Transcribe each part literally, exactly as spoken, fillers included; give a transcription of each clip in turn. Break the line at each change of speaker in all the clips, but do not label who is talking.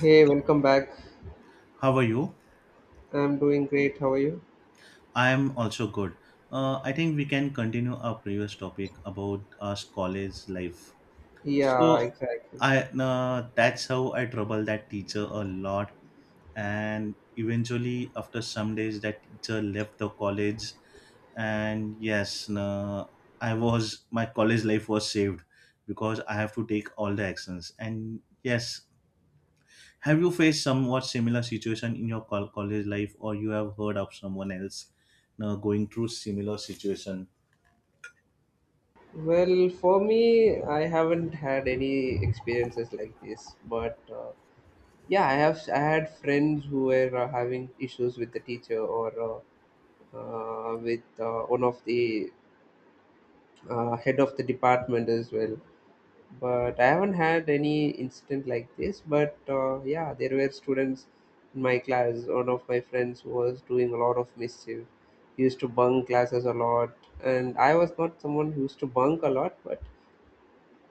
Hey, welcome back.
How are you?
I'm doing great. How are you?
I am also good. Uh, I think we can continue our previous topic about us college life.
Yeah,
So,
exactly.
I uh, that's how I trouble that teacher a lot, and eventually, after some days, that teacher left the college, and yes, uh, I was my college life was saved because I have to take all the actions, and yes, have you faced somewhat similar situation in your col- college life, or you have heard of someone else uh, going through similar situation?
Well, for me, I haven't had any experiences like this, but uh, yeah, I have. I had friends who were uh, having issues with the teacher or uh, uh, with uh, one of the uh, head of the department as well. But I haven't had any incident like this. But uh, yeah, there were students in my class. One of my friends was doing a lot of mischief. He used to bunk classes a lot, and I was not someone who used to bunk a lot, but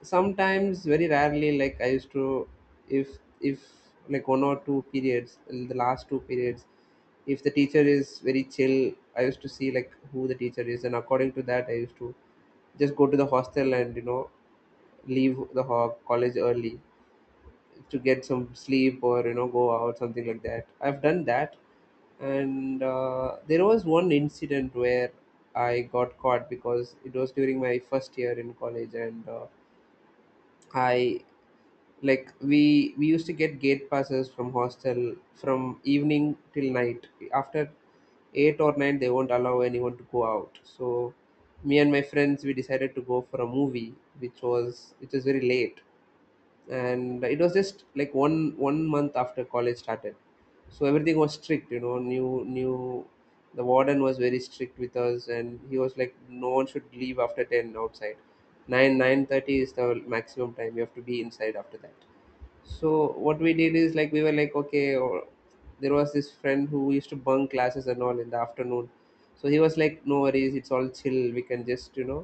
sometimes, very rarely, like I used to, if if like one or two periods, the last two periods, if the teacher is very chill, I used to see like who the teacher is, and according to that, I used to just go to the hostel and you know leave the ho- college early to get some sleep or you know go out something like that. I've done that, and uh, there was one incident where I got caught because it was during my first year in college, and uh, I like we we used to get gate passes from hostel from evening till night. After eight or nine they won't allow anyone to go out, so me and my friends we decided to go for a movie which was, which was very late. And it was just like one one month after college started, so everything was strict, you know, new new the warden was very strict with us and he was like, no one should leave after ten outside. 9, nine thirty is the maximum time you have to be inside after that. So what we did is like, we were like okay, or there was this friend who used to bunk classes and all in the afternoon, so he was like, no worries, it's all chill, we can just, you know,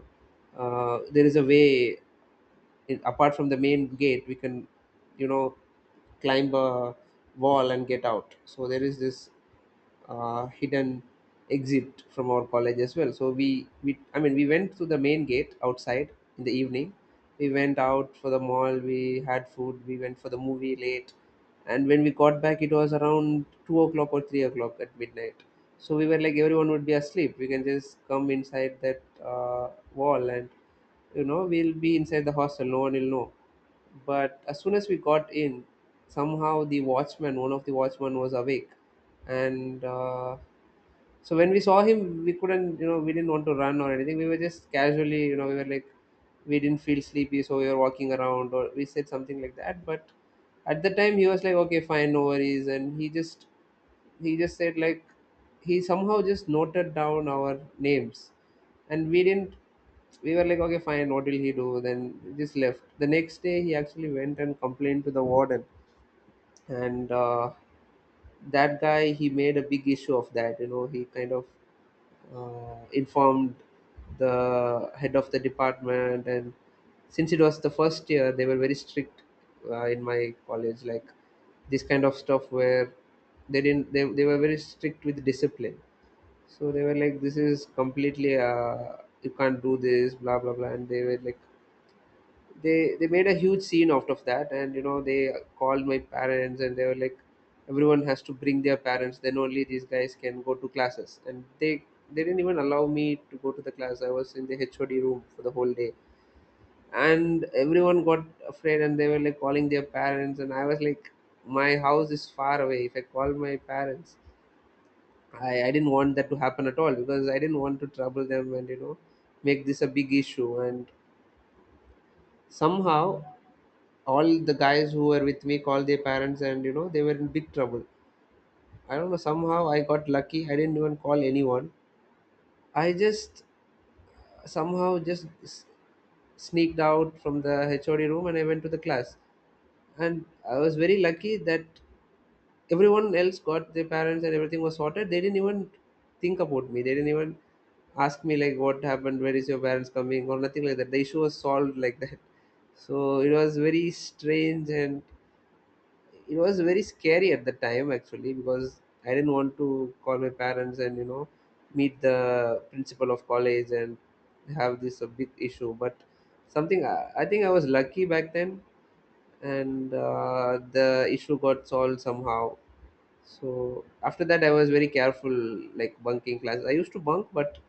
uh, there is a way, it, apart from the main gate we can, you know, climb a wall and get out. So there is this uh, hidden exit from our college as well. So we, we I mean we went to the main gate outside in the evening. We went out for the mall. We had food. We went for the movie late, and when we got back, it was around two o'clock or three o'clock at midnight. So we were like, everyone would be asleep. We can just come inside that uh, wall, and you know we'll be inside the hostel. No one will know. But as soon as we got in, somehow the watchman, one of the watchman was awake. And uh, so when we saw him, we couldn't, you know, we didn't want to run or anything. We were just casually, you know, we were like, we didn't feel sleepy so we were walking around, or we said something like that. But at the time he was like, okay fine, no worries. And he just he just said like, he somehow just noted down our names. And we didn't, we were like, okay fine, what will he do? Then we just left. The next day he actually went and complained to the warden. And uh, that guy, he made a big issue of that, you know. He kind of uh, informed the head of the department. And since it was the first year they were very strict uh, in my college, like this kind of stuff where they didn't they, they were very strict with discipline. So they were like, this is completely uh, you can't do this, blah blah blah. And they were like, they they made a huge scene out of that, and you know they called my parents. And they were like, everyone has to bring their parents, then only these guys can go to classes. And they they didn't even allow me to go to the class. I was in the HOD room for the whole day, and everyone got afraid and they were like calling their parents. And I was like, my house is far away. If I call my parents, i i didn't want that to happen at all, because I didn't want to trouble them and you know make this a big issue. And somehow all the guys who were with me called their parents, and you know they were in big trouble. I don't know, somehow I got lucky. I didn't even call anyone. I just somehow just s- sneaked out from the HOD room and I went to the class. And I was very lucky that everyone else got their parents and everything was sorted. They didn't even think about me. They didn't even ask me like what happened, where is your parents coming or nothing like that. The issue was solved like that. So it was very strange, and it was very scary at the time actually, because I didn't want to call my parents and you know meet the principal of college and have this a big issue. But something, i, I think I was lucky back then. And uh, the issue got solved somehow. So after that I was very careful. Like bunking classes I used to bunk, but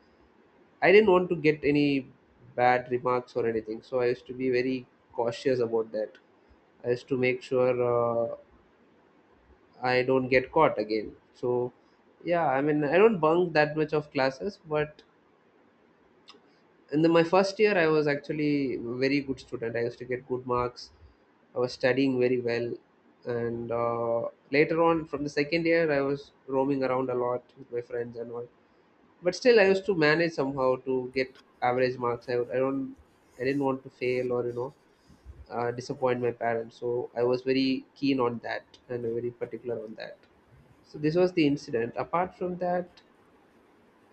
I didn't want to get any bad remarks or anything, so I used to be very cautious about that. I used to make sure uh, I don't get caught again. So, yeah, I mean, I don't bunk that much of classes, but in the, my first year, I was actually a very good student. I used to get good marks. I was studying very well, and uh, later on, from the second year, I was roaming around a lot with my friends and all. But still, I used to manage somehow to get average marks. I, I don't, I didn't want to fail or you know uh, disappoint my parents. So I was very keen on that and very particular on that. So this was the incident. Apart from that,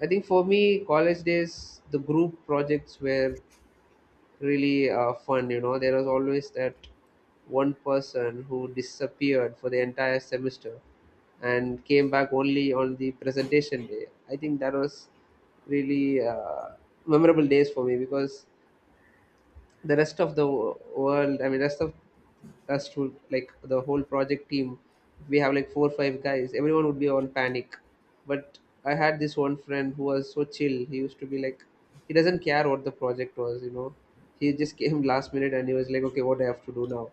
I think for me, college days, the group projects were really uh, fun. You know, there was always that one person who disappeared for the entire semester and came back only on the presentation day. I think that was really uh, memorable days for me, because the rest of the wo- world, I mean, rest of us to like the whole project team, we have like four or five guys. Everyone would be on panic, but I had this one friend who was so chill. He used to be like, he doesn't care what the project was. You know, he just came last minute and he was like, okay, what do I have to do now?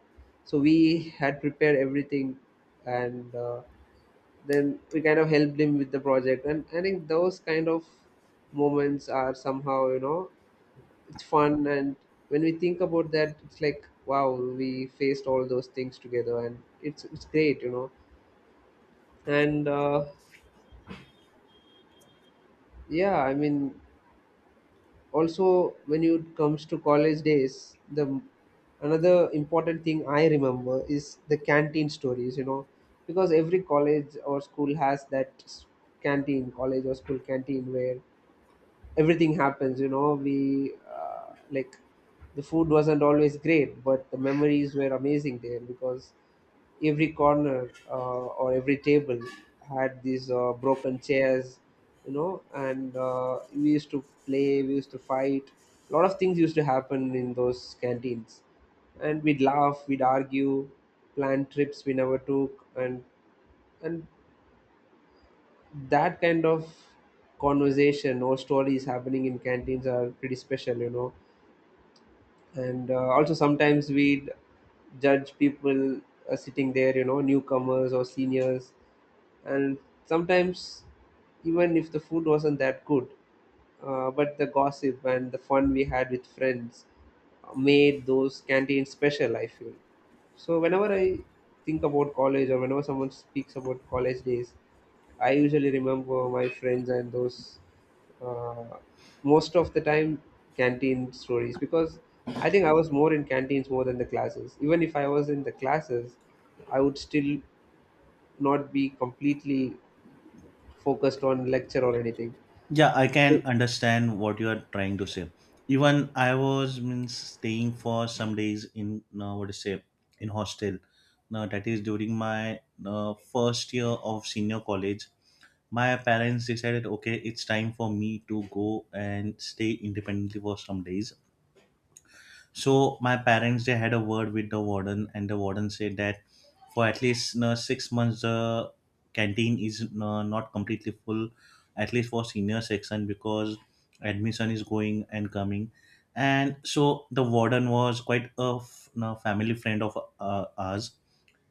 So we had prepared everything, and uh, then we kind of helped him with the project. And I think those kind of moments are somehow, you know, it's fun. And when we think about that, it's like wow, we faced all those things together, and it's it's great, you know. And uh, yeah, I mean, also when it comes to college days, the another important thing I remember is the canteen stories, you know. Because every college or school has that s- canteen, college or school canteen where everything happens, you know. We uh, like the food wasn't always great, but the memories were amazing there. Because every corner uh, or every table had these uh, broken chairs, you know. And uh, we used to play, we used to fight. A lot of things used to happen in those canteens, and we'd laugh, we'd argue, plan trips we never took. And and that kind of conversation or stories happening in canteens are pretty special, you know. And uh, also sometimes we would judge people uh, sitting there, you know, newcomers or seniors. And sometimes, even if the food wasn't that good, uh, but the gossip and the fun we had with friends made those canteens special, I feel. So whenever I think about college, or whenever someone speaks about college days, I usually remember my friends and those uh, most of the time canteen stories. Because I think I was more in canteens more than the classes. Even if I was in the classes, I would still not be completely focused on lecture or anything.
Yeah, I can understand what you are trying to say. Even I was means staying for some days in uh, what to say in hostel. Now that is during my uh, first year of senior college. My parents decided, okay, it's time for me to go and stay independently for some days. So my parents, they had a word with the warden, and the warden said that for at least uh, six months, the canteen is uh, not completely full, at least for senior section because admission is going and coming, and so the warden was quite a f- uh, family friend of uh, ours.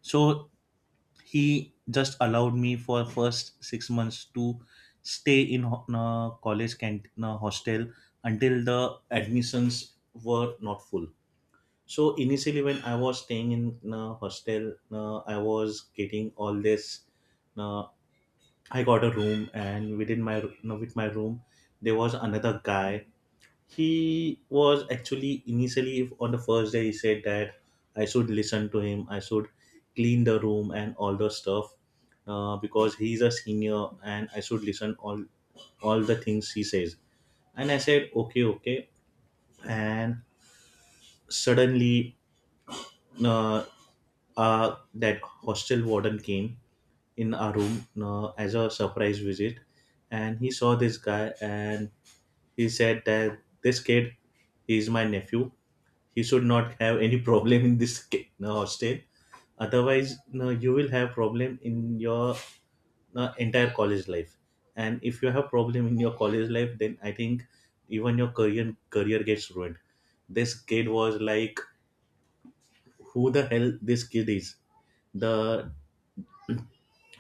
So he just allowed me for first six months to stay in ho- uh, college canteen uh, hostel until the admissions were not full. So initially, when I was staying in a hostel, uh, I was getting all this. Uh, I got a room, and within my uh, with my room, there was another guy. He was actually initially on the first day. He said that I should listen to him. I should clean the room and all the stuff uh, because he's a senior, and I should listen all all the things he says. And I said, okay, okay. And suddenly, uh, uh, that hostel warden came in our room uh, as a surprise visit, and he saw this guy, and he said that this kid is my nephew. He should not have any problem in this ki- no, hostel. Otherwise no, you will have problem in your no, entire college life. And if you have problem in your college life, then I think even your career career gets ruined. This kid was like, who the hell this kid is. the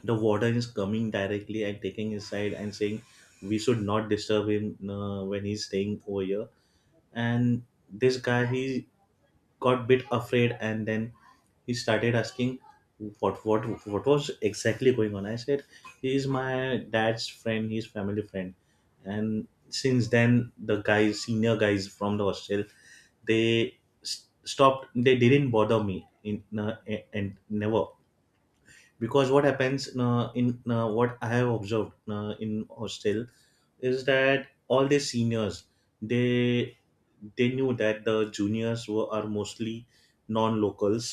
the warden is coming directly and taking his side and saying we should not disturb him uh, when he's staying over here. And this guy, he got bit afraid, and then he started asking what what what was exactly going on. I said, he's my dad's friend, he's family friend. And since then the guys senior guys from the hostel, they s- stopped. They didn't bother me in uh, and never, because what happens uh, in uh, what I have observed uh, in hostel is that all the seniors, they they knew that the juniors were are mostly non-locals,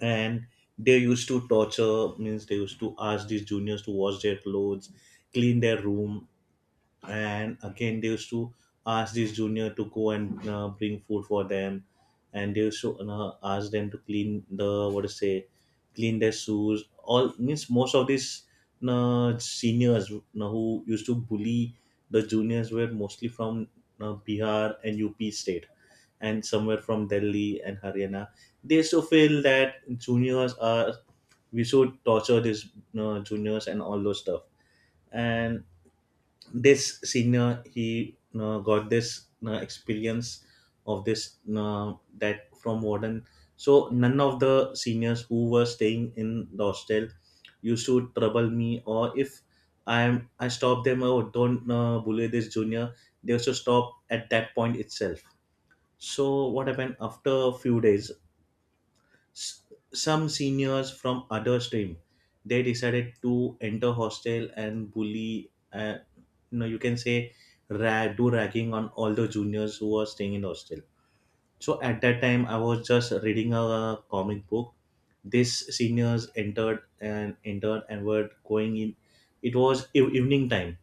and they used to torture, means they used to ask these juniors to wash their clothes, clean their room, and again they used to ask this junior to go and uh, bring food for them, and they used to uh, ask them to clean the what to say, clean their shoes, all, means most of these uh, seniors, you who used to bully the juniors were mostly from uh, Bihar and UP state and somewhere from Delhi and Haryana. They used to feel that juniors are, we should torture these uh, juniors and all those stuff. And this senior, he uh, got this uh, experience of this uh, that from warden. So none of the seniors who were staying in the hostel used to trouble me, or if I am, I stop them, oh don't uh, bully this junior, they also stop at that point itself. So what happened, after a few days, s- some seniors from other stream, they decided to enter hostel and bully, uh, you know, you can say rag, do ragging on all the juniors who were staying in the hostel. So at that time I was just reading a comic book. These seniors entered and entered and were going in. It was ev- evening time.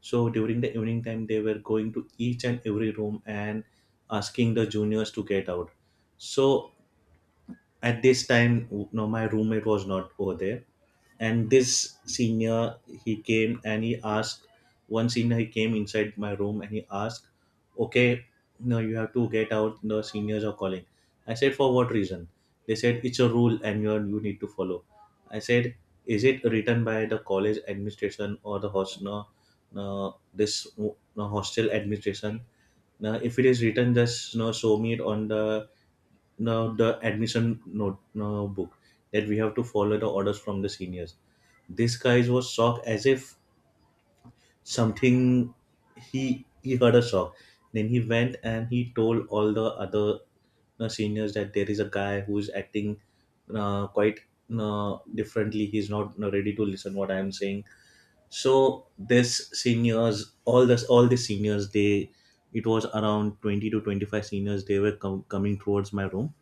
So during the evening time, they were going to each and every room and asking the juniors to get out. So at this time no, my roommate was not over there. And this senior, he came and he asked, one senior, he came inside my room and he asked, okay no, you have to get out, the seniors are calling. I said, for what reason? They said, it's a rule and you are, you need to follow. I said, is it written by the college administration or the host no, no this no, hostel administration? Now if it is written, just you know, show me it on the, now the admission note no book, that we have to follow the orders from the seniors. This guy was shocked as if something, he he heard a shock. Then he went and he told all the other uh, seniors that there is a guy who is acting uh, quite uh, differently. He's not uh, ready to listen what I am saying. So this seniors, all this, all the seniors, they, it was around twenty to twenty five seniors. They were com- coming towards my room.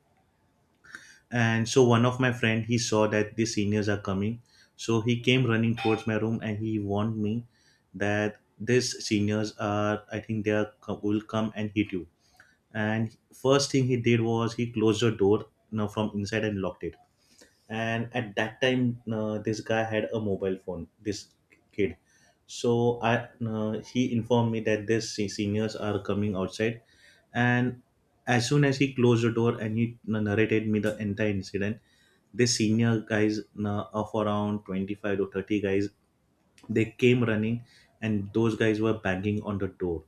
And so one of my friend, he saw that the seniors are coming. So he came running towards my room and he warned me that these seniors are, I think they are, will come and hit you. And first thing he did was he closed the door, you know, from inside and locked it. And at that time, uh, this guy had a mobile phone, this kid. So i uh, he informed me that these se- seniors are coming outside. And as soon as he closed the door and he uh, narrated me the entire incident, this senior guys, uh, of around twenty five to thirty guys, they came running, and those guys were banging on the door.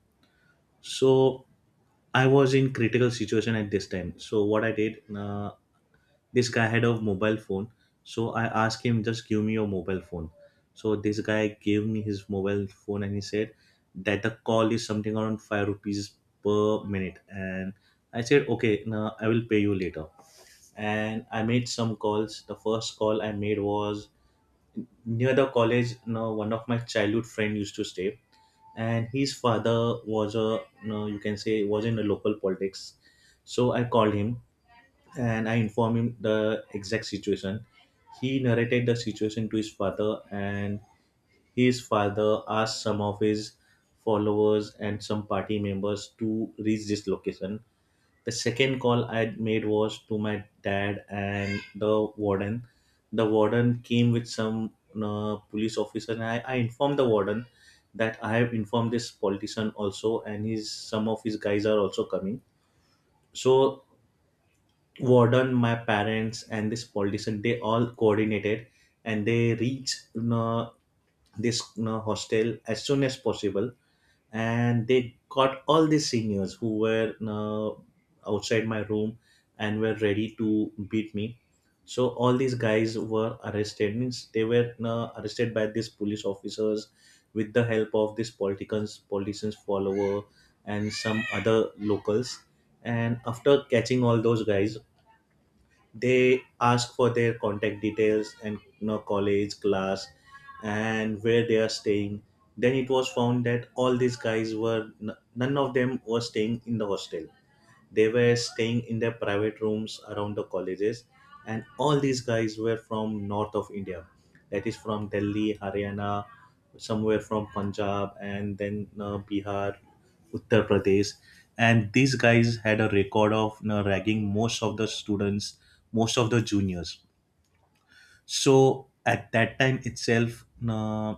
So I was in critical situation at this time. So what I did, uh, this guy had a mobile phone, so I asked him, just give me your mobile phone. So this guy gave me his mobile phone and he said that the call is something around five rupees per minute. And I said, okay, now I will pay you later. And I made some calls. The first call I made was near the college, you know, one of my childhood friend used to stay, and his father was a, you know, you can say, was in the local politics. So I called him and I informed him the exact situation. He narrated the situation to his father, and his father asked some of his followers and some party members to reach this location. The second call I made was to my dad and the warden. The warden came with some uh, police officer, and I, I informed the warden that I have informed this politician also, and his some of his guys are also coming. So warden, my parents and this politician, they all coordinated and they reached you, this you hostel as soon as possible. And they got all the seniors who were you, outside my room and were ready to beat me. So all these guys were arrested, means they were you, arrested by these police officers with the help of these politicians, politicians follower and some other locals. And after catching all those guys, they ask for their contact details and you know, college class and where they are staying. Then it was found that all these guys were n- none of them were staying in the hostel. They were staying in their private rooms around the colleges. And all these guys were from north of India, that is from Delhi, Haryana, somewhere from Punjab, and then uh, Bihar, Uttar Pradesh. And these guys had a record of, you know, ragging most of the students, most of the juniors. So at that time itself, uh,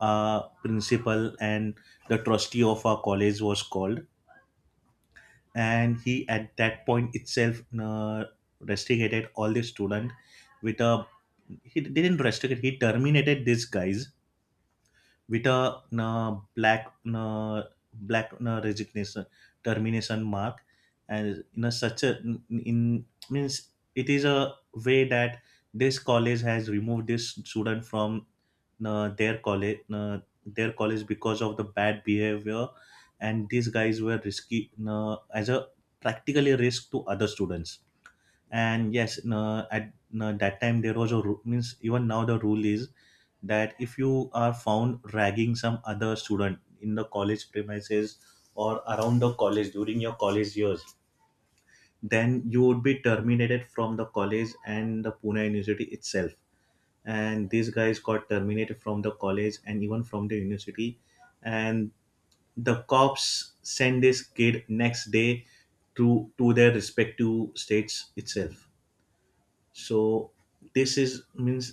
our principal and the trustee of our college was called, and he at that point itself uh, restricted all the student with a, he didn't restrict, he terminated these guys with a uh, black uh, black uh, resignation termination mark, and in a such a, in, means it is a way that this college has removed this student from uh, their college, uh, their college because of the bad behavior. And these guys were risky, uh, as a, practically risk to other students. And yes no, at no, that time there was a rule, means even now the rule is that if you are found ragging some other student in the college premises or around the college during your college years, then you would be terminated from the college and the Pune university itself. And these guys got terminated from the college and even from the university. And the cops send this kid next day to to their respective states itself. So this is means,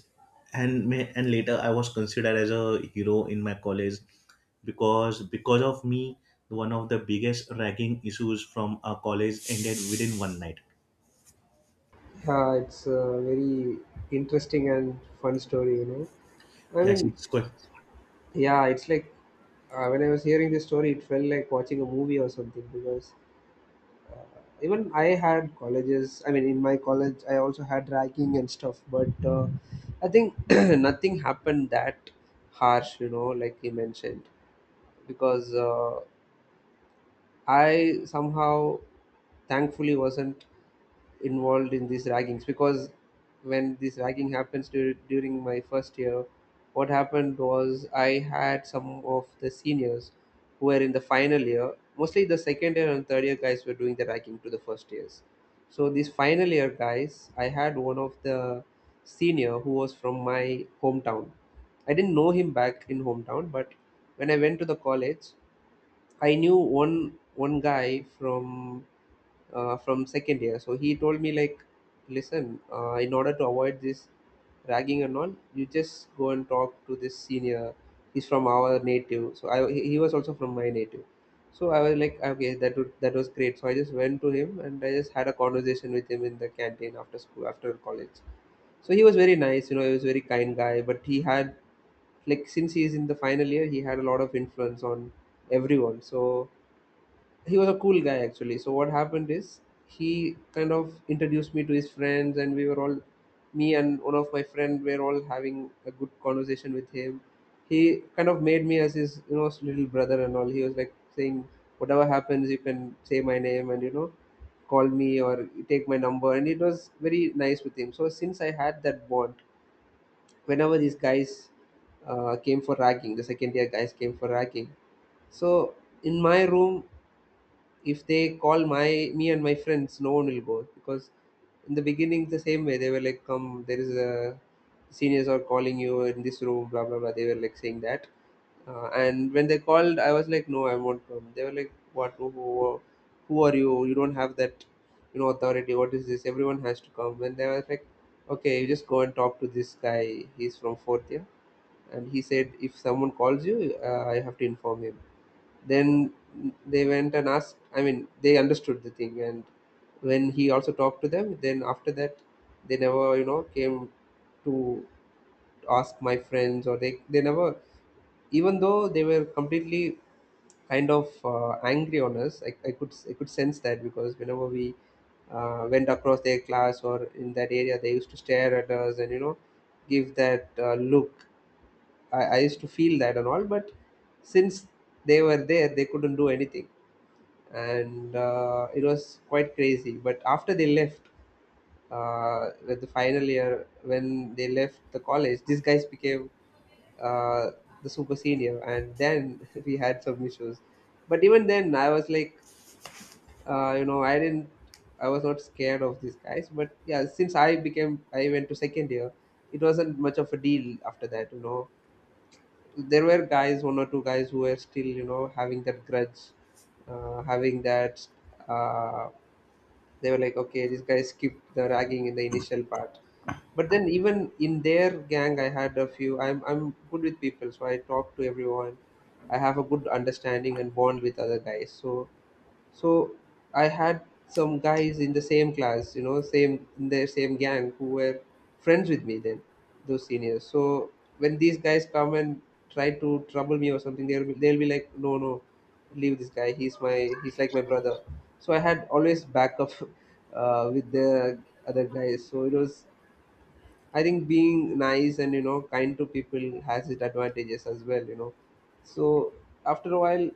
and may, and later I was considered as a hero in my college because because of me one of the biggest ragging issues from our college ended within one night.
Yeah, it's a very interesting and fun story, you know. I
Yes,
mean,
it's good.
yeah, it's like uh, when I was hearing this story, it felt like watching a movie or something. Because even I had colleges. I mean, in my college, I also had ragging and stuff, but uh, I think nothing happened that harsh, you know, like you mentioned, because uh, I somehow thankfully wasn't involved in these raggings because when this ragging happens dur- during my first year, what happened was I had some of the seniors who were in the final year. Mostly the second year and third year guys were doing the ragging to the first years. So these final year guys, I had one of the senior who was from my hometown. I didn't know him back in hometown, but when I went to the college, I knew one one guy from uh, from second year. So he told me like, listen, uh, in order to avoid this ragging and all, you just go and talk to this senior. He's from our native, so I he he was also from my native. So I was like, okay, that would, that was great. So I just went to him and I just had a conversation with him in the canteen after school, after college. So he was very nice, you know, he was a very kind guy. But he had, like, since he is in the final year, he had a lot of influence on everyone. So he was a cool guy actually. So what happened is he kind of introduced me to his friends and we were all, me and one of my friend were all having a good conversation with him. He kind of made me as his, you know, little brother and all. He was like saying, whatever happens you can say my name and, you know, call me or take my number. And it was very nice with him. So since I had that bond, whenever these guys uh, came for ragging, the second year guys came for ragging, so in my room, if they call my me and my friends, no one will go. Because in the beginning, the same way they were like, "Come, there is a seniors are calling you in this room," blah blah blah. They were like saying that, uh, and when they called, I was like, "No, I won't come." They were like, "What? Who, who, who are you? You don't have that, you know, authority. What is this? Everyone has to come." And they were like, "Okay, you just go and talk to this guy. He's from fourth year." And he said, if someone calls you, uh, I have to inform him. Then they went and asked. I mean, they understood the thing, and when he also talked to them, then after that, they never, you know, came to ask my friends. Or they they never, even though they were completely kind of uh, angry on us. I, I could, i could sense that, because whenever we uh, went across their class or in that area, they used to stare at us and, you know, give that uh, look. I, I used to feel that and all, but since they were there, they couldn't do anything, and uh, it was quite crazy. But after they left, uh, with the final year, when they left the college, these guys became uh, the super senior, and then we had some issues. But even then, I was like, uh, you know, I didn't, I was not scared of these guys. But yeah, since I became, I went to second year. It wasn't much of a deal after that, you know, there were guys, one or two guys who were still, you know, having that grudge, uh, having that. Uh, they were like, okay, this guy skipped the ragging in the initial part. But then even in their gang, I had a few. I'm I'm good with people, so I talk to everyone. I have a good understanding and bond with other guys. So so I had some guys in the same class, you know, same in their same gang, who were friends with me then, those seniors. So when these guys come and try to trouble me or something, they'll be, they'll be like, no, no, leave this guy. He's my he's like my brother. So I had always backup uh, with the other guys. So it was, I think being nice and, you know, kind to people has its advantages as well, you know. So after a while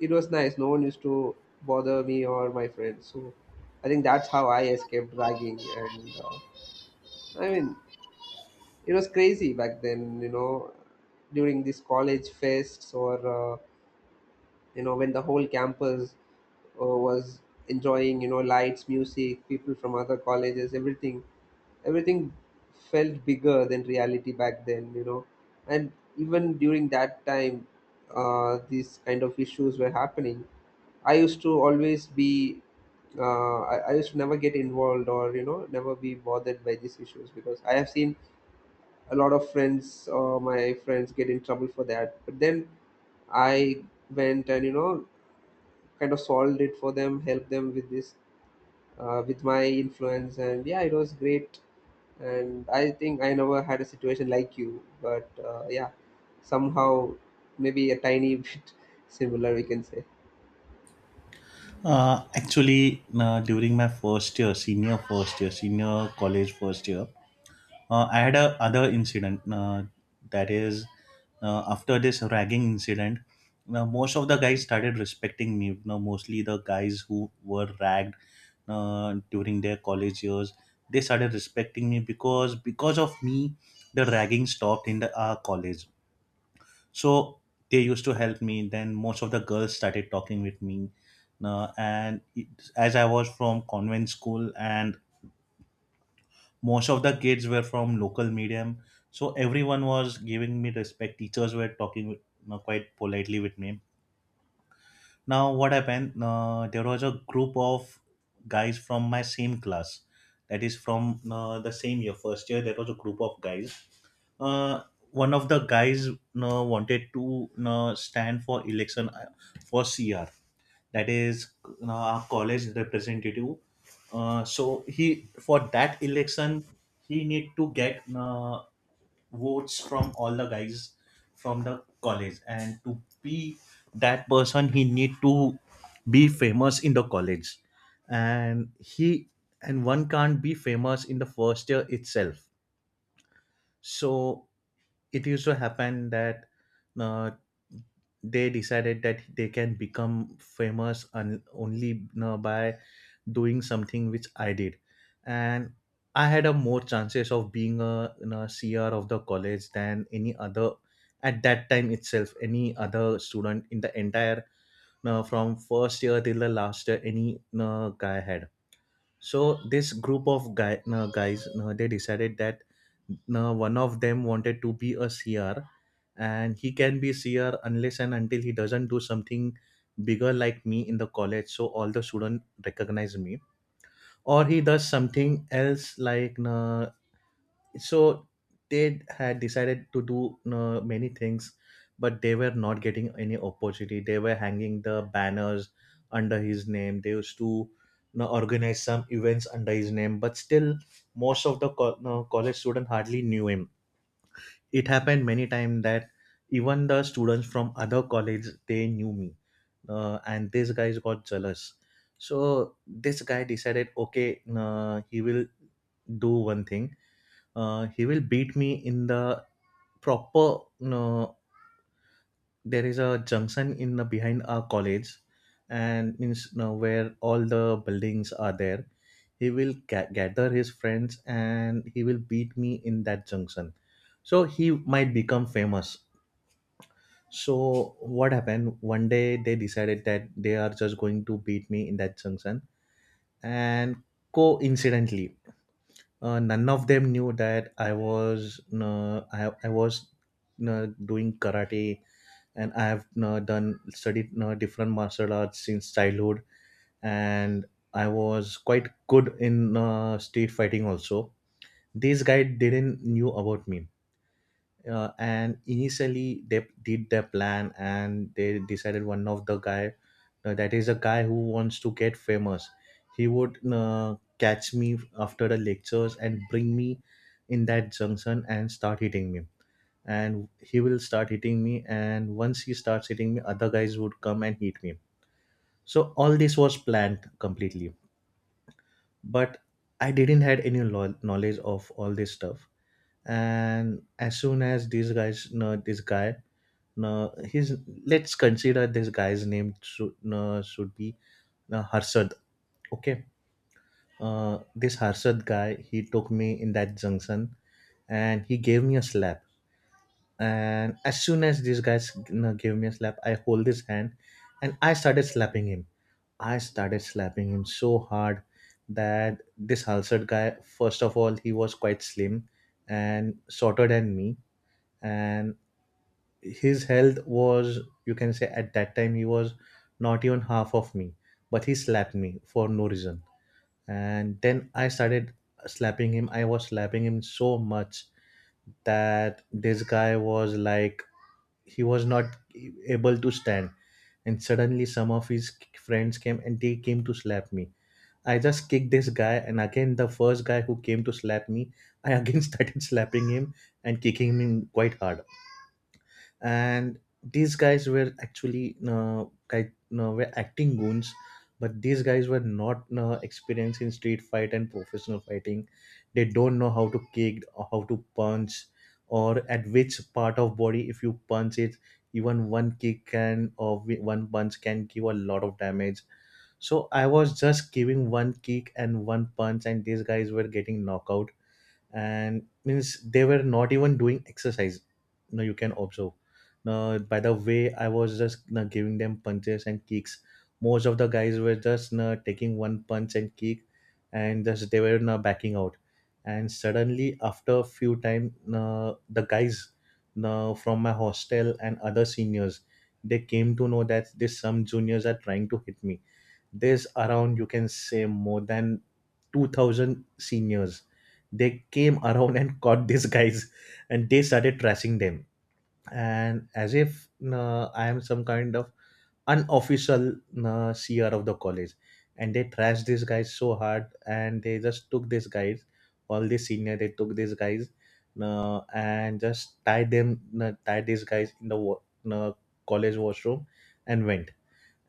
it was nice. No one used to bother me or my friends. So I think that's how I escaped ragging. And uh, I mean, it was crazy back then, you know, during these college fests or uh, you know, when the whole campus uh, was enjoying, you know, lights, music, people from other colleges, everything everything felt bigger than reality back then, you know. And even during that time uh, these kind of issues were happening. I used to always be, uh, I, I used to never get involved or, you know, never be bothered by these issues, because I have seen a lot of friends or my friends get in trouble for that. But then I went and, you know, kind of solved it for them, helped them with this, uh, with my influence, and yeah, it was great. And I think I never had a situation like you, but uh, yeah, somehow maybe a tiny bit similar, we can say.
uh, actually, uh, during my first year, senior first year, senior college first year, Uh, I had a other incident, uh, that is uh, after this ragging incident, uh, most of the guys started respecting me. You know, mostly the guys who were ragged uh, during their college years, they started respecting me because because of me, the ragging stopped in the uh, college. So they used to help me. Then most of the girls started talking with me, uh, and it, as I was from convent school and most of the kids were from local medium, so everyone was giving me respect, teachers were talking, you know, quite politely with me. Now, what happened? Uh, there was a group of guys from my same class, that is from uh, the same year, first year. There was a group of guys. Uh, one of the guys, you know, wanted to, you know, stand for election uh, for C R, that is, you know, our college representative. Uh, so he for that election, he need to get uh, votes from all the guys from the college, and to be that person he need to be famous in the college. and he and one can't be famous in the first year itself. So it used to happen that uh, they decided that they can become famous un- only you by doing something which I did, and I had a more chances of being a, you know, C R of the college than any other at that time itself. Any other student in the entire, you, from first year till the last year, any you guy had. So this group of guy, no, guys no, they decided that no, one of them wanted to be a CR, and he can be CR unless and until he doesn't do something bigger like me in the college so all the students recognize me, or he does something else like no, so they had decided to do uh, many things, but they were not getting any opportunity. They were hanging the banners under his name, they used to, you know, organize some events under his name, but still most of the co- you know, college students hardly knew him. It happened many times that even the students from other college they knew me, uh, and these guys got jealous. So this guy decided okay, uh, he will do one thing, uh, he will beat me in the proper, you know, there is a junction in the behind our college and means, you know, where all the buildings are there. He will ga- gather his friends and he will beat me in that junction. So he might become famous. So what happened one day they decided that they are just going to beat me in that junction. And coincidentally uh, none of them knew that I was uh, I, I was uh, doing karate, and I have uh, done studied uh, different martial arts since childhood. And I was quite good in uh, street fighting also. These guys didn't knew about me, uh, and initially they did their plan and they decided one of the guy, uh, that is a guy who wants to get famous, he would uh, catch me after the lectures and bring me in that junction and start hitting me, and he will start hitting me, and once he starts hitting me other guys would come and hit me. So all this was planned completely. But I didn't had any lo- knowledge of all this stuff. And as soon as these guys no, this guy uh, his, let's consider this guy's name should uh, should be uh, Harshad. Okay, uh, this Harshad guy, he took me in that junction and he gave me a slap. And as soon as this guy s- you gave me a slap, I hold his hand and I started slapping him. I started slapping him so hard that this Halsad guy, first of all, he was quite slim and shorter than me, and his health was, you can say, at that time he was not even half of me. But he slapped me for no reason, and then I started slapping him. I was slapping him so much that this guy was like, he was not able to stand. And suddenly some of his friends came and they came to slap me. I just kicked this guy, and again the first guy who came to slap me, I again started slapping him and kicking him quite hard. And these guys were actually uh, guy, no, were acting goons. But these guys were not uh, experienced in street fight and professional fighting, they don't know how to kick or how to punch, or at which part of body if you punch it, even one kick can, or wi- one punch can give a lot of damage. So I was just giving one kick and one punch and these guys were getting knockout. And means they were not even doing exercise no, you can observe no, by the way I was just no, giving them punches and kicks. Most of the guys were just no, taking one punch and kick, and just they were no, backing out. And suddenly after a few time no, the guys no, from my hostel and other seniors, they came to know that this, some juniors are trying to hit me. There's around, you can say more than two thousand seniors, they came around and caught these guys and they started trashing them. And as if uh, I am some kind of unofficial uh, CR of the college, and they trashed these guys so hard and they just took these guys, all these senior they took these guys, uh, and just tied them uh, tied these guys in the wa- uh, college washroom, and went.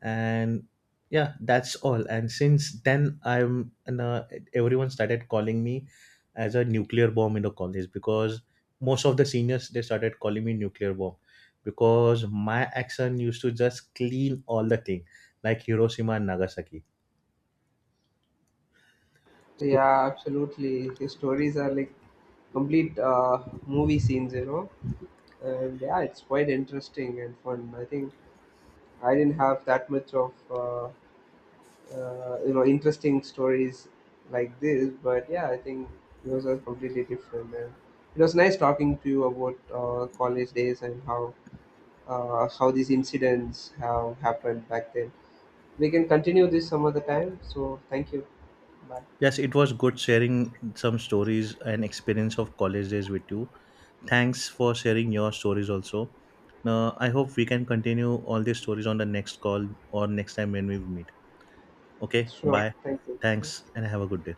And yeah, that's all. And since then I'm, and uh, everyone started calling me as a nuclear bomb in the college because most of the seniors they started calling me nuclear bomb because my action used to just clean all the thing like Hiroshima and Nagasaki. So
Yeah, absolutely. His stories are like complete uh, movie scenes, you know, and yeah, it's quite interesting and fun. I think I didn't have that much of. Uh, uh, you know, interesting stories like this, but yeah, I think yours are completely different. And it was nice talking to you about uh, college days and how uh, how these incidents have happened back then. We can continue this some other time. So thank you. Bye.
yes, it was good sharing some stories and experience of college days with you. Thanks for sharing your stories also. Now I hope we can continue all these stories on the next call or next time when we meet. Okay,
Sure,
bye.
thank
Thanks,
you.
and have a good day.